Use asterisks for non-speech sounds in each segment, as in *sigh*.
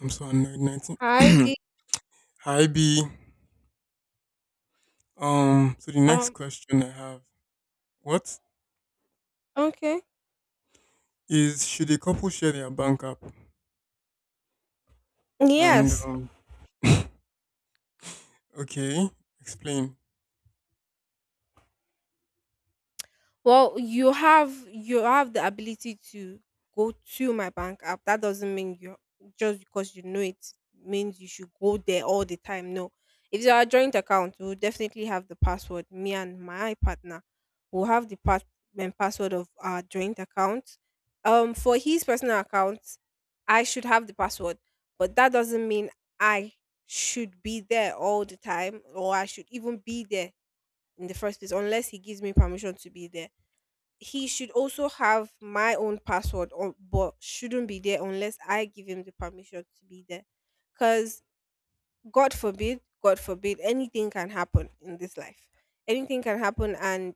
I'm so annoyed. I 19. did. *clears throat* Hi, B. So the next Um. question I have, what Okay. Should a couple share their bank app? And, Yes. um, *laughs* okay, explain. Well, you have the ability to go to my bank app. That doesn't mean you just because you know it means you should go there all the time. No. If it's our joint account, we'll definitely have the password. Me and my partner will have the part password of our joint account. For his personal account, I should have the password, but that doesn't mean I should be there all the time or I should even be there in the first place unless he gives me permission to be there. He should also have my own password or but shouldn't be there unless I give him the permission to be there. Cause God forbid, anything can happen in this life. Anything can happen, and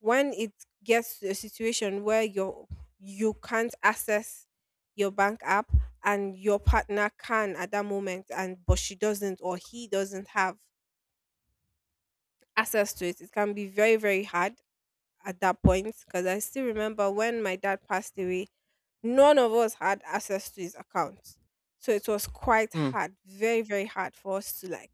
when it gets to a situation where you can't access your bank app and your partner can at that moment and but she doesn't or he doesn't have access to it, it can be very very hard at that point, because I still remember when my dad passed away, none of us had access to his account. So it was quite Hmm. hard, very, very hard for us to like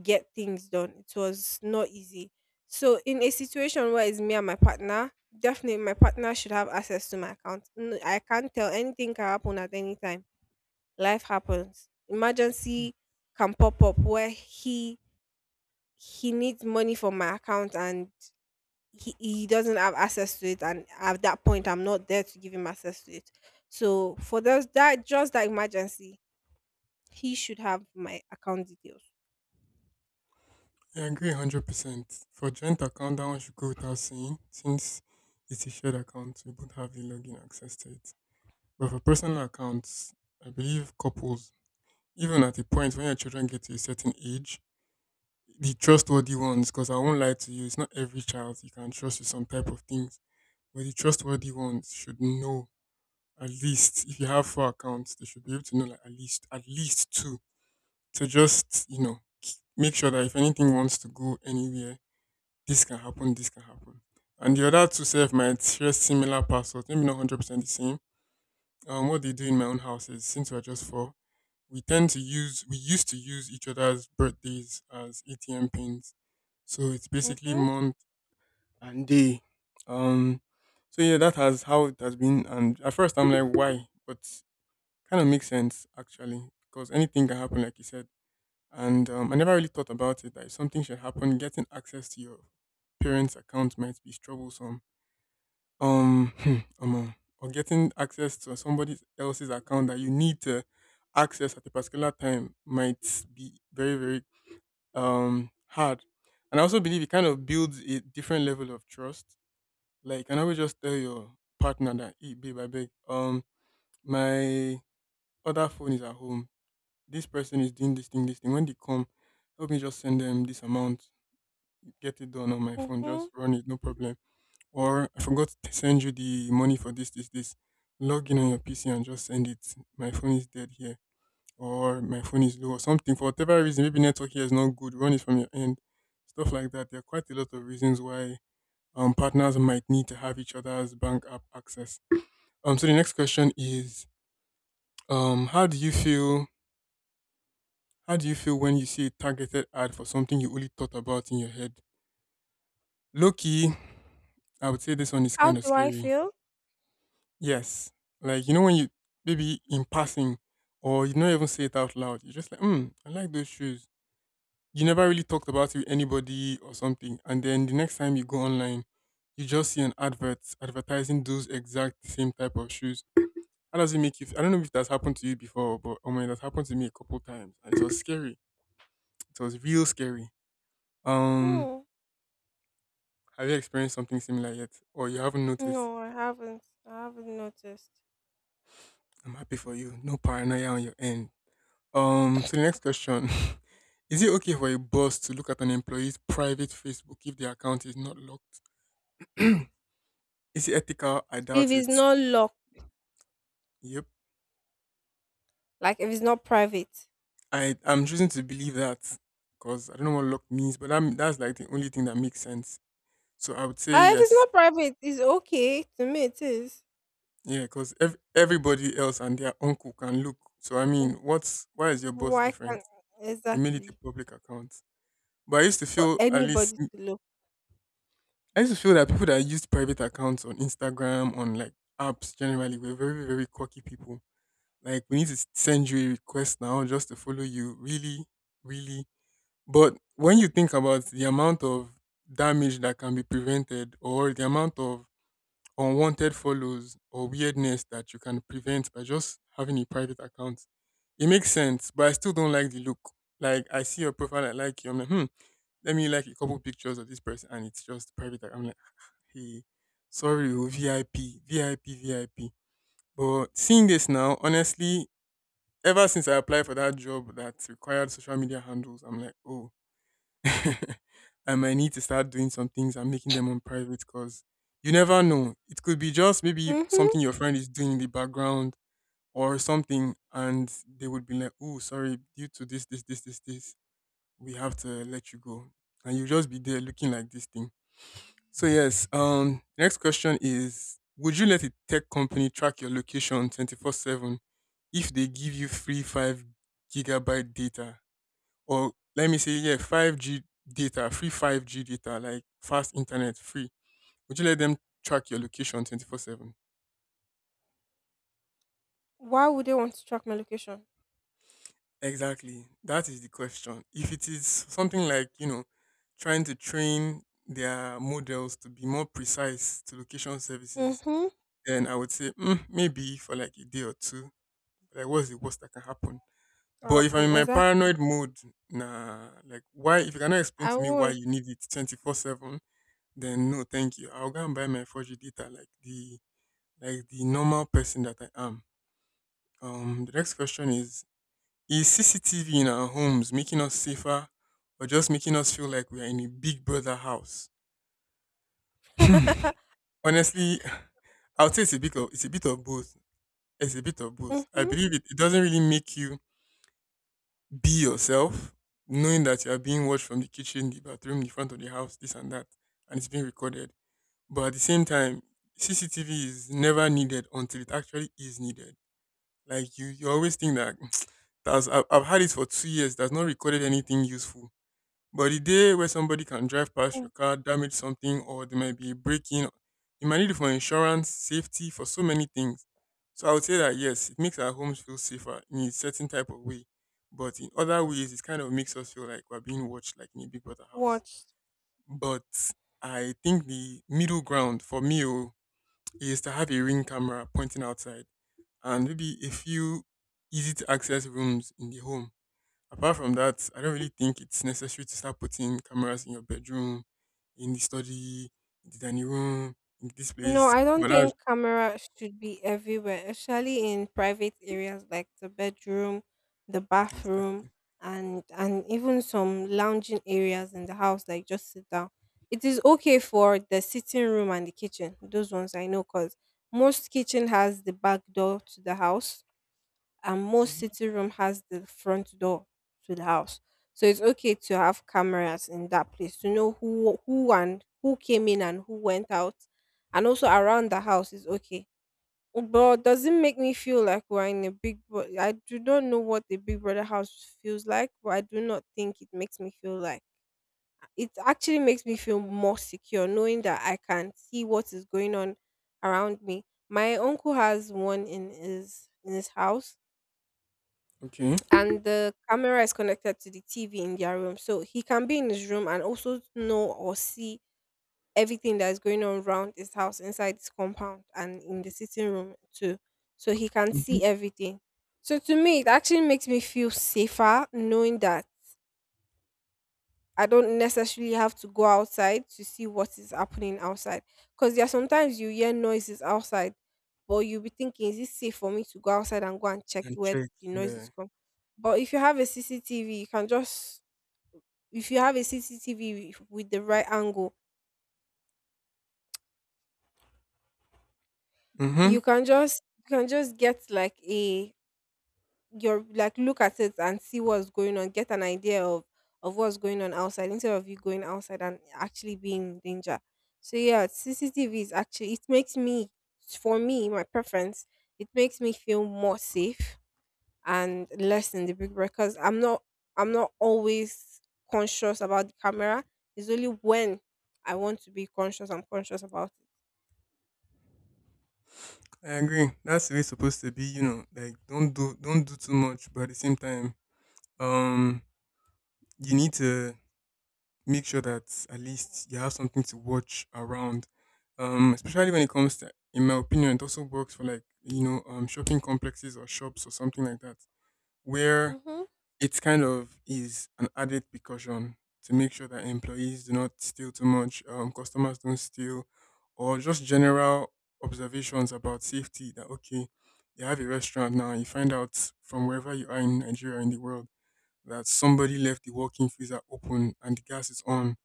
get things done. It was not easy. So in a situation where it's me and my partner, definitely my partner should have access to my account. I can't tell, anything can happen at any time. Life happens. Emergency can pop up where he needs money from my account, and he doesn't have access to it, and at that point I'm not there to give him access to it, so for those that just that emergency he should have my account details. I agree 100%. For joint account, that one should go without saying, since it's a shared account, we both have the login access to it. But for personal accounts, I believe couples, even at a point when your children get to a certain age, the trustworthy ones, because I won't lie to you, it's not every child you can trust with some type of things. But the trustworthy ones should know at least if you have four accounts, they should be able to know, like, at least two to just make sure that if anything wants to go anywhere, this can happen, this can happen. And the other two self might share similar passwords, maybe not 100% the same. What they do in my own house is, since we're just four, we tend to use we used to use each other's birthdays as ATM pins. So it's basically Mm-hmm, month and day. Um, so yeah, that has how it has been. And at first, I'm like, why? But kind of makes sense actually, because anything can happen, like you said. And I never really thought about it, that if something should happen, getting access to your parents' account might be troublesome. Um, *clears throat* um, uh, or getting access to somebody else's account that you need to access at a particular time might be very, very hard. And I also believe it kind of builds a different level of trust, like you can always just tell your partner that, hey, babe, I beg. My other phone is at home. This person is doing this thing, this thing. When they come, help me just send them this amount. Get it done on my phone. mm-hmm. Just run it, no problem. Or I forgot to send you the money for this, this, this. Log in on your PC and just send it. My phone is dead here. Or my phone is low or something. For whatever reason, maybe network here is not good. Run it from your end. Stuff like that. There are quite a lot of reasons why partners might need to have each other's bank app access. So the next question is, how do you feel? How do you feel when you see a targeted ad for something you only thought about in your head? Low key, I would say this one is How kind of do I scary. feel? Yes, like, you know, when you maybe in passing, or you don't even say it out loud. You're just like, hmm, I like those shoes. You never really talked about it with anybody or something, and then the next time you go online, you just see an advert advertising those exact same type of shoes. How does it make you feel? I don't know if that's happened to you before, but oh my, that's happened to me a couple times, and it was scary. It was real scary. Um, Hmm. have you experienced something similar yet, or you haven't No, noticed? I haven't, I haven't noticed. I'm happy for you. No paranoia on your end. So the next question: *laughs* Is it okay for a boss to look at an employee's private Facebook if their account is not locked? *clears throat* Is it ethical? I If doubt it's it. not locked, Yep, like if it's not private. I'm choosing to believe that, because I don't know what locked means, but that's like the only thing that makes sense. So I would say If it's yes. not private, it's okay to me, it is. Yeah, because everybody else and their uncle can look. So I mean, what's why is your boss Why different? can't, You made it a exactly, public account. But I used to for feel at least anybody to look. I used to feel that people that used private accounts on Instagram, on like apps generally, were very, very cocky people. Like, we need to send you a request now just to follow you. Really, really. But when you think about the amount of damage that can be prevented or the amount of unwanted follows or weirdness that you can prevent by just having a private account. It makes sense, but I still don't like the look. Like, I see your profile, I like you. I'm like, hmm, let me like a couple pictures of this person, and it's just private. I'm like, hey, sorry, oh, VIP, VIP, VIP. But seeing this now, honestly, ever since I applied for that job that required social media handles, I'm like, oh, *laughs* I might need to start doing some things and making them on private, because you never know. It could be just maybe Mm-hmm. something your friend is doing in the background or something, and they would be like, oh, sorry, due to this, this, this, this, this, we have to let you go. And you just be there looking like this thing. So, yes, next question is: would you let a tech company track your location 24/7 if they give you free 5 gigabyte data? Or let me say, yeah, 5G data, free 5G data, like fast internet free. Would you let them track your location 24/7? Why would they want to track my location? Exactly, that is the question. If it is something like, you know, trying to train their models to be more precise to location services, Mm-hmm. then I would say, mm, maybe for like a day or two. Like, what's the worst that can happen? But if I'm in Happen, my exactly. paranoid mode, nah, like, why? If you cannot explain I to me why won't. you need it 24/7, then no, thank you. I'll go and buy my 4G data like the normal person that I am. The next question is: is CCTV in our homes making us safer, or just making us feel like we are in a Big Brother house? *laughs* *laughs* Honestly, *laughs* I would say it's a bit of it's a bit of both. It's a bit of both. I Mm-hmm. believe it doesn't really make you be yourself, knowing that you are being watched from the kitchen, the bathroom, the front of the house, this and that, and it's being recorded. But at the same time, CCTV is never needed until it actually is needed. Like you always think that *tsk* that's I've had it for 2 years. That's not recorded anything useful. But the day where somebody can drive past your car, damage something, or there might be a break-in, you might need it for insurance, safety, for so many things. So I would say that, yes, it makes our homes feel safer in a certain type of way. But in other ways, it kind of makes us feel like we're being watched, like in a Big Brother house. Watch. But I think the middle ground for me, oh, is to have a ring camera pointing outside and maybe a few easy to access rooms in the home. Apart from that, I don't really think it's necessary to start putting cameras in your bedroom, in the study, in the dining room, in this No, place. I don't But that's think camera should be everywhere, especially in private areas like the bedroom, the bathroom, exactly. and even some lounging areas in the house, like just sit down. It is okay for the sitting room and the kitchen. Those ones I know, cause most kitchen has the back door to the house, and most Mhm. sitting room has the front door to the house. So it's okay to have cameras in that place to know who and who came in and who went out. And also around the house is okay. But does it make me feel like we're in a big brother? I do not know what the big brother house feels like, but I do not think it makes me feel like, it actually makes me feel more secure knowing that I can see what is going on around me. My uncle has one in his house, Okay. and the camera is connected to the TV in their room. So he can be in his room and also know or see everything that is going on around his house inside his compound and in the sitting room too. So he can Mm-hmm. see everything. So to me, it actually makes me feel safer knowing that I don't necessarily have to go outside to see what is happening outside. Because there are sometimes you hear noises outside, but you'll be thinking, is it safe for me to go outside and go and check And where check. the Yeah. noises come? But if you have a CCTV, you can just, if you have a CCTV with the right angle, Mm-hmm. you can just, you can just get like a, your like look at it and see what's going on, get an idea of what's going on outside, instead of you going outside and actually being in danger. So yeah, CCTV is actually, it makes me, for me my preference, it makes me feel more safe and less in the big break, because I'm not always conscious about the camera. It's only when I want to be conscious I'm conscious about it. I agree. That's the way it's supposed to be, you know. Like, don't do too much, but at the same time, um you need to make sure that at least you have something to watch around. Especially when it comes to, in my opinion, it also works for like, you know, shopping complexes or shops or something like that, where Mm-hmm, it's kind of is an added precaution to make sure that employees do not steal too much, customers don't steal, or just general observations about safety. That, okay, you have a restaurant now, you find out from wherever you are, in Nigeria, in the world, that somebody left the walk-in freezer open and the gas is on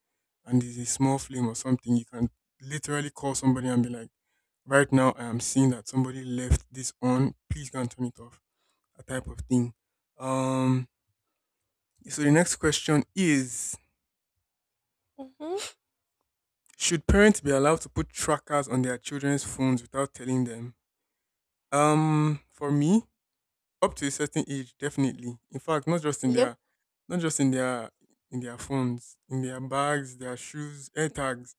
and there's a small flame or something, you can literally call somebody and be like, right now I am seeing that somebody left this on. Please go and turn it off. That type of thing. Um, so the next question is, mm-hmm, should parents be allowed to put trackers on their children's phones without telling them? For me, up to a certain age, definitely. In fact, yep, not just in their phones, in their bags, their shoes, air tags.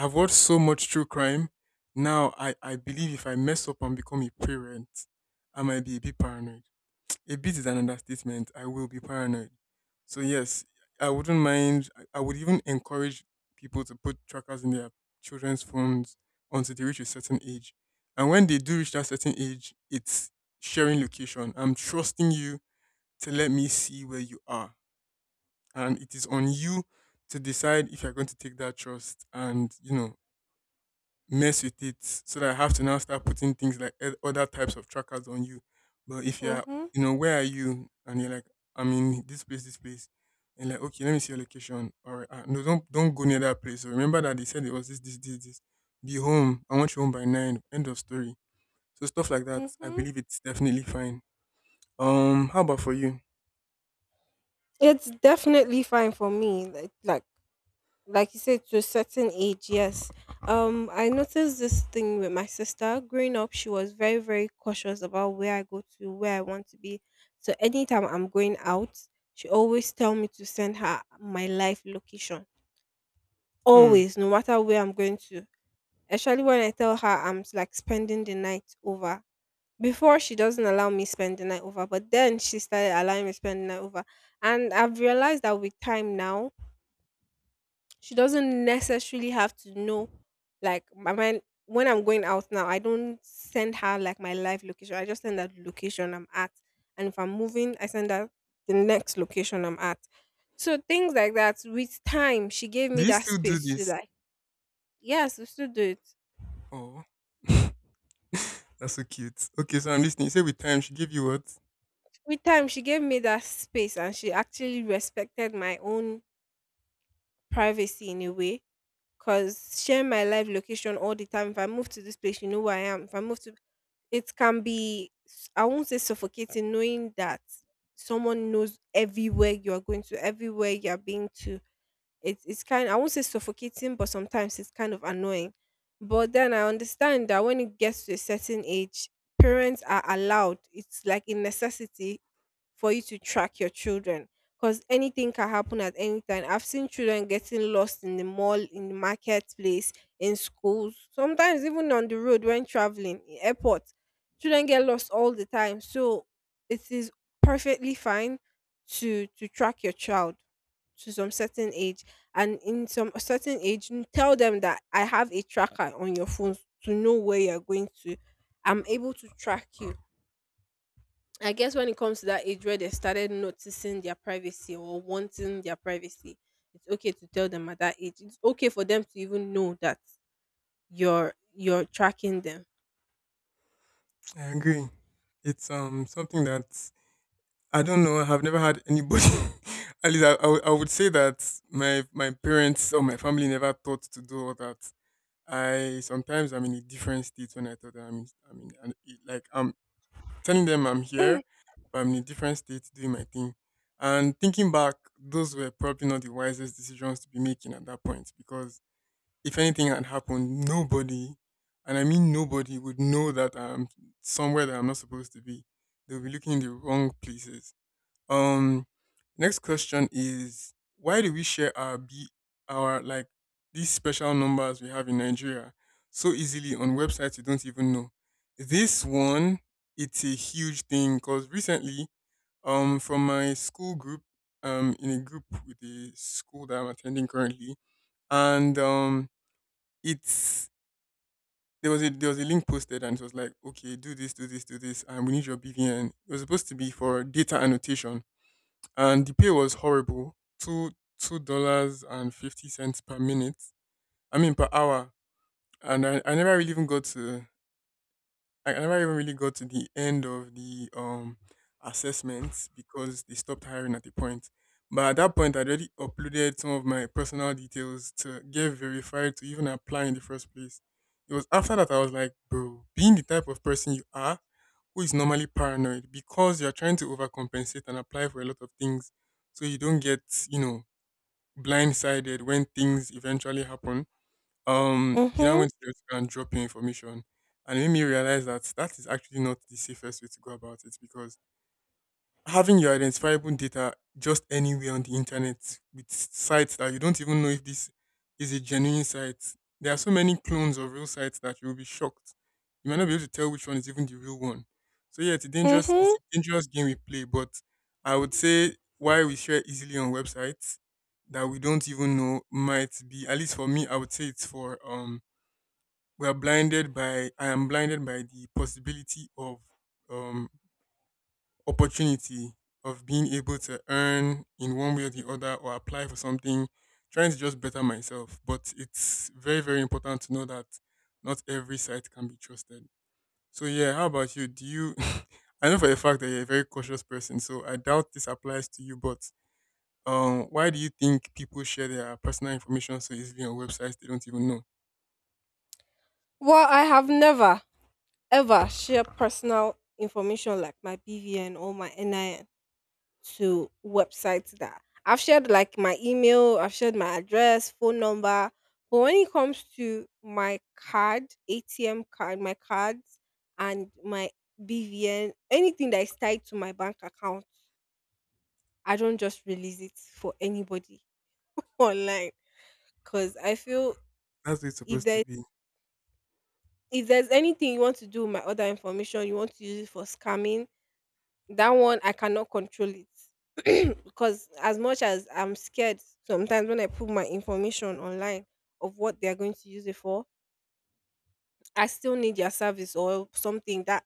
I've watched so much true crime. Now, I believe if I mess up and become a parent, I might be a bit paranoid. A bit is an understatement. I will be paranoid. So yes, I wouldn't mind. I would even encourage people to put trackers in their children's phones until they reach a certain age. And when they do reach that certain age, it's sharing location. I'm trusting you to let me see where you are, and it is on you to decide if you're going to take that trust and mess with it so that I have to now start putting things like other types of trackers on you. But if you're, mm-hmm, where are you? And you're like, I'm in this place, this place. And like, okay, let me see your location. All right, no, don't go near that place. So remember that they said it was this, this, this, this. Be home. I want you home by nine. End of story. So stuff like that. I mm-hmm. believe it's definitely fine. How about for you? It's definitely fine for me. Like you said, to a certain age, yes. I noticed this thing with my sister growing up. She was very very cautious about where I go to, where I want to be. So anytime I'm going out, she always tell me to send her my life location, Hmm. always, no matter where I'm going to, especially when I tell her like spending the night over. Before she doesn't allow me spend the night over, but then she started allowing me spend the night over, and I've realized that with time now she doesn't necessarily have to know like my mind. When I'm going out now, I don't send her like my live location. I just send her the location I'm at. And if I'm moving, I send her the next location I'm at. So things like that, with time, she gave Do me you that still do space to this? like, yes, we still do it. Oh, *laughs* that's so cute. Okay, so I'm listening. You say with time, she gave you what? With time, she gave me that space, and she actually respected my own privacy in a way. Cause sharing my live location all the time. If I move to this place, you know where I am. If I move to, it can be I won't say suffocating, knowing that someone knows everywhere you are going to, everywhere you are being to. It's kind, I won't say suffocating, but sometimes it's kind of annoying. But then I understand that when it gets to a certain age, parents are allowed, it's like a necessity for you to track your children, because anything can happen at any time. I've seen children getting lost in the mall, in the marketplace, in schools, sometimes even on the road when traveling, in airports. Children get lost all the time. So it is perfectly fine to track your child to some certain age, and in some certain age tell them that I have a tracker on your phone to know where you're going to, I'm able to track you. I guess when it comes to that age where they started noticing their privacy or wanting their privacy, it's okay to tell them at that age. It's okay for them to even know that you're tracking them. I agree. It's something that I don't know. I have never had anybody. *laughs* At least I would say that my parents or my family never thought to do all that. I sometimes I'm in a different state when I tell them I'm in, like I'm telling them I'm Mm, here, but I'm in a different state doing my thing. And thinking back, those were probably not the wisest decisions to be making at that point because if anything had happened, nobody, and I mean nobody, would know that I'm somewhere that I'm not supposed to be. They'll be looking in the wrong places. Um, next question is, why do we share our our like these special numbers we have in Nigeria so easily on websites you don't even know? This one, it's a huge thing because recently, from my school group, in a group with the school that I'm attending currently, and it's there was a link posted, and it was like, okay, do this, do this, do this, and we need your BVN. It was supposed to be for data annotation, and the pay was horrible, two two dollars and 50 cents per minute. I mean per hour, and I never even really got to the end of the assessments because they stopped hiring at the point. But at that point, I'd already uploaded some of my personal details to get verified to even apply in the first place. It was after that I was like, bro, being the type of person you are, who is normally paranoid because you're trying to overcompensate and apply for a lot of things so you don't get, you know, blindsided when things eventually happen, you now mhm. went to the hospital and drop your information, and it made me realize that that is actually not the safest way to go about it because having your identifiable data just anywhere on the internet with sites that you don't even know if this is a genuine site. There are so many clones of real sites that you will be shocked. You might not be able to tell which one is even the real one. So yeah, it's Mhm. a dangerous game we play. But I would say why we share easily on websites that we don't even know might be, at least for me, I would say it's for, we are blinded by I am blinded by the possibility of, um opportunity, of being able to earn in one way or the other or apply for something, trying to just better myself. But it's very very important to know that not every site can be trusted. So yeah, how about you? Do you, *laughs* I know for a fact that you're a very cautious person, so I doubt this applies to you, but why do you think people share their personal information so easily on websites they don't even know? Well, I have never ever shared personal information like my BVN or my NIN, to websites that, I've shared like my email, I've shared my address, phone number. But when it comes to my card, ATM card, my cards and my BVN, anything that is tied to my bank account, I don't just release it for anybody *laughs* online. Cause I feel, That's what it's if supposed to there be. if there's anything you want to do with my other information, you want to use it for scamming, that one I cannot control it. Because as much as I'm scared sometimes when I put my information online of what they are going to use it for, I still need their service or something that,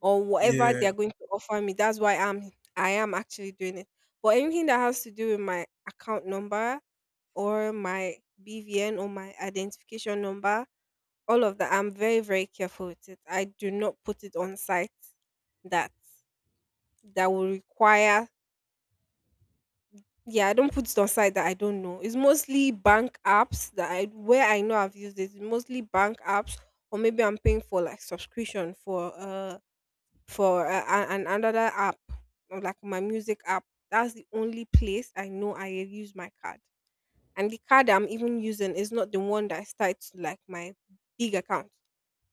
or whatever Yeah. they are going to offer me. That's why I am actually doing it. But anything that has to do with my account number or my BVN or my identification number, all of that, I'm very very careful with it. I do not put it on sites that will require, yeah, I don't put it on site that I don't know. It's mostly bank apps that, I where I know I've used it. It's mostly bank apps, or maybe I'm paying for like subscription for an another app, or like my music app. That's the only place I know I use my card, and the card I'm even using is not the one that's tied to like my big account,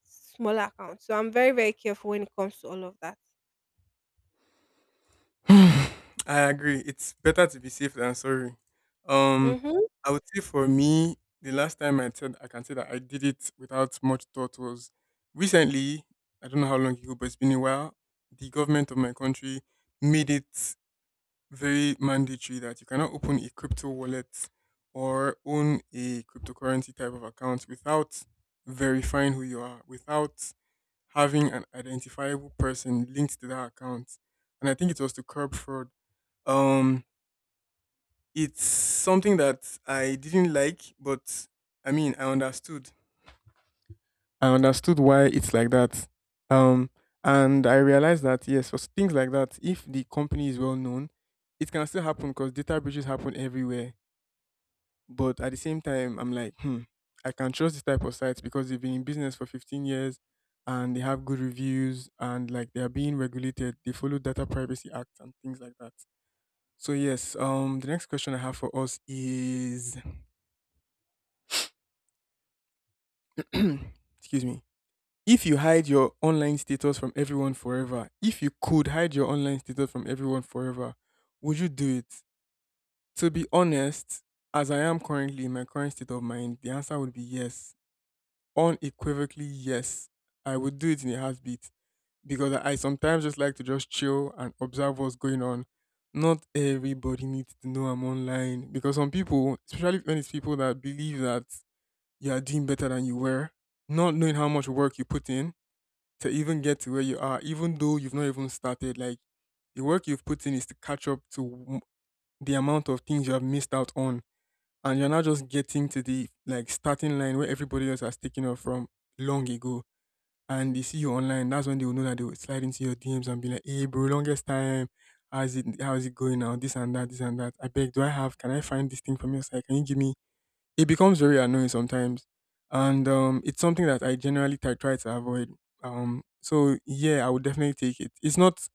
smaller account. So I'm very very careful when it comes to all of that. *sighs* I agree. It's better to be safe than sorry. Um, Mm-hmm. I would say for me, the last time I said I can say that I did it without much thought was recently. I don't know how long ago, but it's been a while. The government of my country made it very mandatory that you cannot open a crypto wallet or own a cryptocurrency type of account without verifying who you are, without having an identifiable person linked to that account. And I think it was to curb fraud. Um, it's something that I didn't like, but I mean, I understood why it's like that. Um, and I realized that, yes, for things like that, if the company is well known, it can still happen because data breaches happen everywhere. But at the same time, I'm like, hmm, I can trust this type of sites because they've been in business for 15 years and they have good reviews, and like they are being regulated. They follow Data Privacy Act and things like that. So, yes, the next question I have for us is, *clears throat* excuse me, if you hide your online status from everyone forever, if you could hide your online status from everyone forever, would you do it? To be honest, as I am currently in my current state of mind, the answer would be yes. Unequivocally, yes. I would do it in a heartbeat because I sometimes just like to just chill and observe what's going on. Not everybody needs to know I'm online because some people, especially when it's people that believe that you are doing better than you were, not knowing how much work you put in to even get to where you are, even though you've not even started. Like, the work you've put in is to catch up to the amount of things you have missed out on, and you're not just getting to the like starting line where everybody else has taken off from long ago. And they see you online, that's when they will know that they will slide into your DMs and be like, "Hey, bro, longest time. How's it? How's it going now? This and that, this and that. I beg, do I have? Can I find this thing from your side? Can you give me." It becomes very annoying sometimes, and it's something that I generally try to avoid. So yeah, I would definitely take it. It's not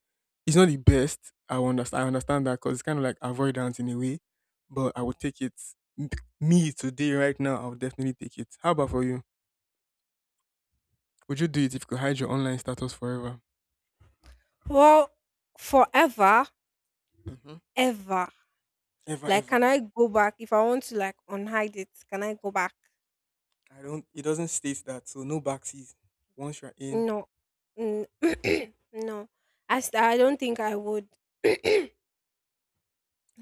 it's not the best. I understand that, because it's kind of like avoidance in a way, but I would take it. M- Me today, right now, I would definitely take it. How about for you? Would you do it if you could hide your online status forever? Well, forever, Hmm. ever, Ever like, can ever. I go back if I want to like unhide it? Can I go back? I don't It doesn't state that, so no backseas, once you're in. No, N- *clears throat* no. I don't think I would. *clears throat*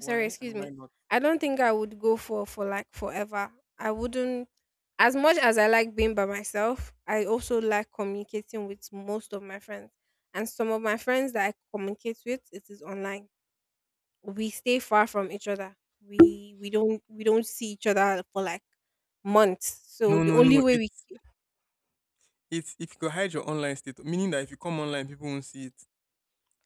Sorry, excuse and why me. not? I don't think I would go for like forever. I wouldn't. As much as I like being by myself, I also like communicating with most of my friends. And some of my friends that I communicate with, it is online. We stay far from each other. We don't see each other for like months. So No, the no, only no. way we, It's, if you could hide your online status, meaning that if you come online, people won't see it.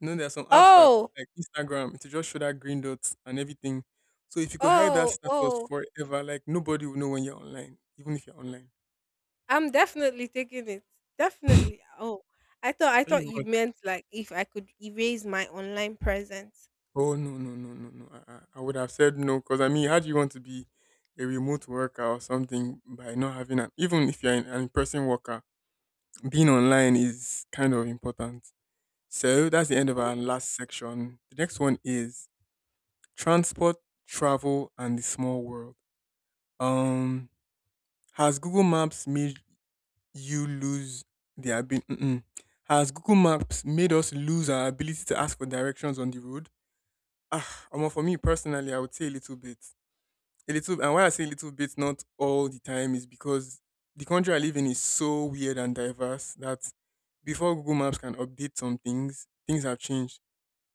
You know, there are some apps that, oh, like Instagram, it will just show that green dots and everything. So if you could hide that status oh. forever, like nobody will know when you're online, even if you're online. I'm definitely taking it. Definitely. Oh. I thought I Can you thought you imagine? meant like if I could erase my online presence. Oh no, no, no, no, no! I would have said no because, I mean, how do you want to be a remote worker or something by not having an, even if you're an in-person worker, being online is kind of important. So that's the end of Mhm. our last section. The next one is Transport, travel, and the small world. Um, has Google Maps made you lose the ability? Has Google Maps made us lose our ability to ask for directions on the road? Ah, omo, for me personally, I would say a little bit. A little, and why I say a little bit, not all the time, is because the country I live in is so weird and diverse that before Google Maps can update some things, things have changed.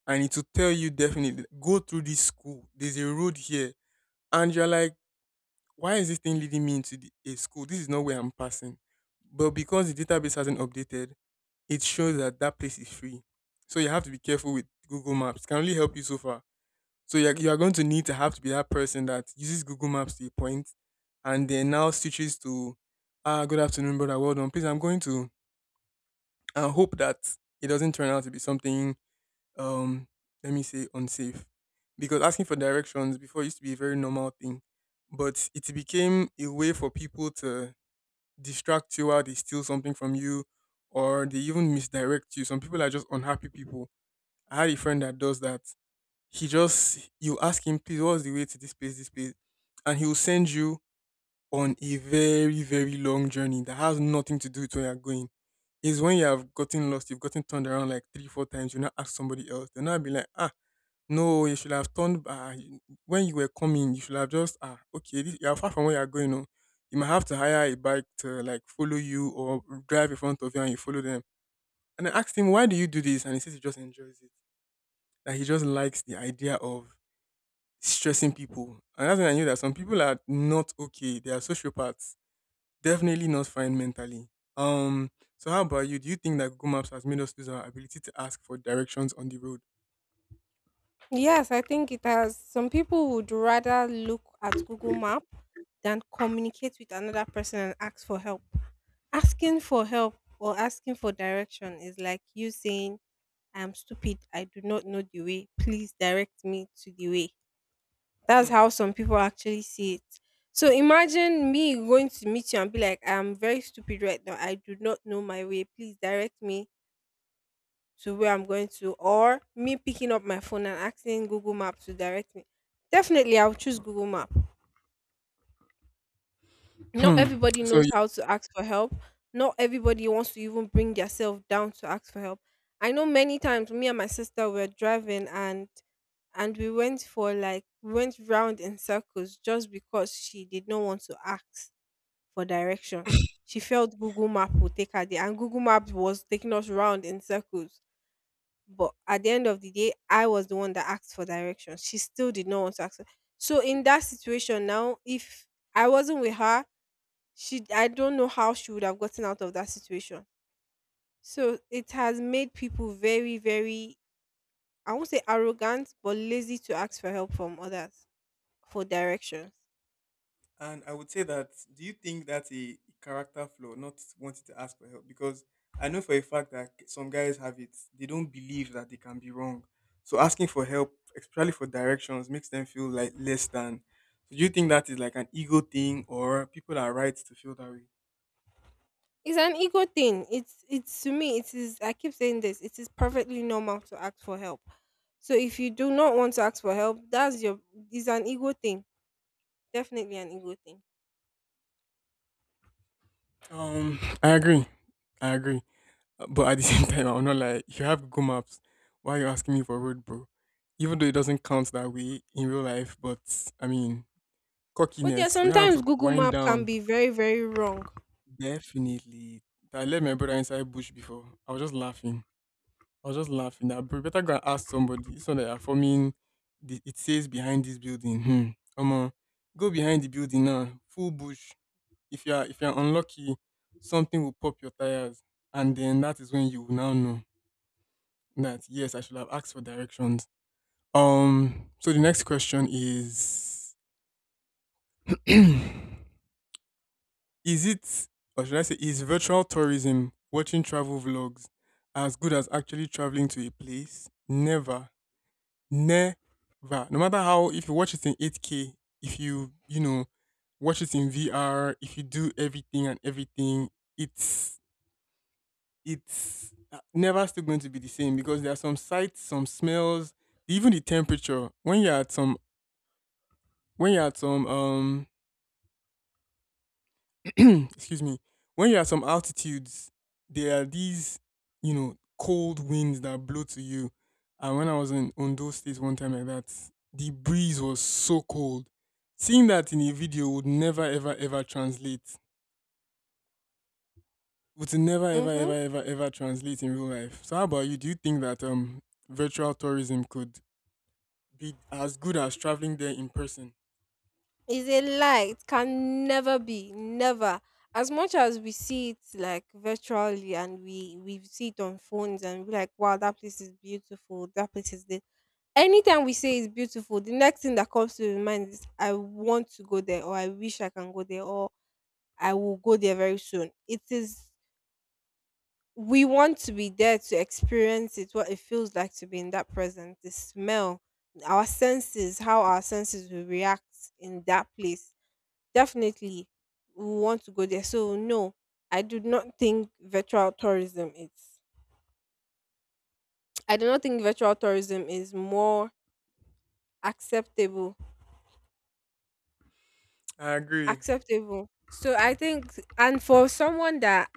And it will tell you, definitely go through this school. There's a road here, and you're like, why is this thing leading me into the, a school? This is not where I'm passing. But because the database hasn't updated, it shows that that place is free. So you have to be careful with Google Maps. It can only help you so far. So you're going to need to have to be that person that uses Google Maps to a point and then now switches to, ah, good afternoon, brother. Well done. Please, I'm going to, and hope that it doesn't turn out to be something um let me say unsafe, because asking for directions before used to be a very normal thing, but it became a way for people to distract you while they steal something from you, or they even misdirect you. Some people are just unhappy people. I had a friend that does that. He just, you ask him, please, what's the way to this place, this place, and he will send you on a very long journey that has nothing to do with where you're going. Is when you have gotten lost, you've gotten turned around like three, four times, you now ask somebody else. They'll now be like, ah, no, you should have turned when you were coming, you should have just, ah, okay, this, you are far from where you're going. Oh. You might have to hire a bike to like follow you, or drive in front of you and you follow them. And I asked him, why do you do this? And he says he just enjoys it. That he just likes the idea of stressing people. And that's when I knew that some people are not okay. They are sociopaths. Definitely not fine mentally. Um, so how about you? Do you think that Google Maps has made us lose our ability to ask for directions on the road? Yes, I think it has. Some people would rather look at Google Map than communicate with another person and ask for help. Asking for help or asking for direction is like you saying, I'm stupid, I do not know the way. Please direct me to the way. That's Hmm. how some people actually see it. So imagine me going to meet you and be like, I'm very stupid right now. I do not know my way. Please direct me to where I'm going to, or me picking up my phone and asking Google Map to direct me. Definitely, I'll choose Google Map. Not Hmm. everybody So, knows how to ask for help. Not everybody wants to even bring themselves down to ask for help. I know many times me and my sister were driving and we went for like we went round in circles just because she did not want to ask for directions. She felt Google Map would take her there, and Google Maps was taking us round in circles. But at the end of the day, I was the one that asked for directions. She still did not want to ask. So in that situation now, if I wasn't with her, she I don't know how she would have gotten out of that situation. So it has made people very, very, I won't say arrogant, but lazy to ask for help from others for directions. and I would say that, do you think that's a character flaw, not wanting to ask for help? Because I know for a fact that some guys have it. They don't believe that they can be wrong. So asking for help, especially for directions, makes them feel like less than. So do you think that is like an ego thing, or people are right to feel that way? It's an ego thing. It's to me, it is, I keep saying this, it is perfectly normal to ask for help. So if you do not want to ask for help, that's your. It's an ego thing, definitely an ego thing. I agree. I agree. But at the *laughs* same time, I'm not, like, you have Google Maps. Why are you asking me for road, bro? Even though it doesn't count that way in real life, but I mean, But yeah, cockiness. You don't have sometimes to Google wind Map can down. be very, very wrong. Definitely. I let my brother inside bush before. I was just laughing. I was just laughing. I better go and ask somebody. So that are forming. The, it says behind this building. Hmm. Come on, go behind the building now. Full bush. If you are unlucky, something will pop your tires, and then that is when you will now know that yes, I should have asked for directions. So the next question is. *clears throat* Is it, or should I say, is virtual tourism, watching travel vlogs, as good as actually traveling to a place? Never. Never. No matter how, if you watch it in 8K, if you, you know, watch it in VR, if you do everything and everything, it's, it's never still going to be the same, because there are some sights, some smells, even the temperature. When you're at some, when you're at some, um, *clears throat* excuse me, when you're at some altitudes, there are these, you know, cold winds that blow to you. And when I was in Ondo State one time like that, the breeze was so cold. Seeing that in a video would never, ever, ever translate. Would never, ever, ever, Mm-hmm. ever, ever translate in real life. So, how about you? Do you think that virtual tourism could be as good as traveling there in person? It's a lie. It can never be, never. As much as we see it like virtually and we see it on phones and we're like, wow, that place is beautiful. That place is this. Anytime we say it's beautiful, the next thing that comes to your mind is, I want to go there, or I wish I can go there, or I will go there very soon. It is, we want to be there to experience it, what it feels like to be in that present, the smell, our senses, how our senses will react in that place. Definitely, we want to go there. So, no, I do not think virtual tourism is. I do not think virtual tourism is more acceptable. I agree. Acceptable. So I think, and for someone that,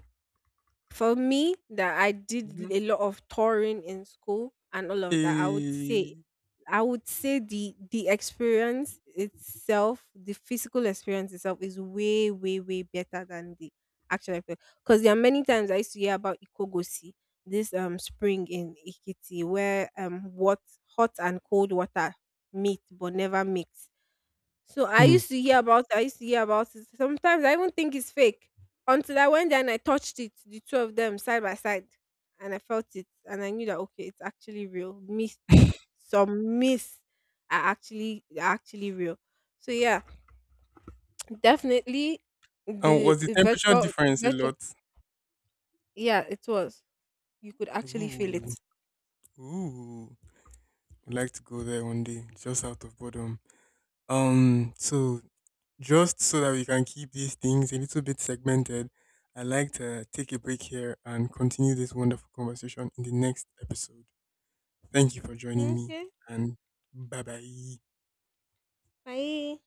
for me, that I did Mm-hmm. a lot of touring in school and all of that, I would Eh, say, I would say the experience itself, the physical experience itself is way, way, way better than the actual experience. Because there are many times I used to hear about Ikogosi, this spring in Ikiti where what hot and cold water meet but never mix. So I hmm. used to hear about it, I used to hear about it. Sometimes I even think it's fake. Until I went there and I touched it, the two of them side by side. And I felt it. And I knew that, okay, it's actually real. Myth Some myths are actually real. So yeah, definitely And the was the temperature virtual difference a virtual lot? Yeah, it was. You could actually feel Ooh. it. Ooh, I'd like to go there one day, just out of boredom. So just so that we can keep these things a little bit segmented, I'd like to take a break here and continue this wonderful conversation in the next episode. Thank you for joining me, Okay, and bye bye. bye.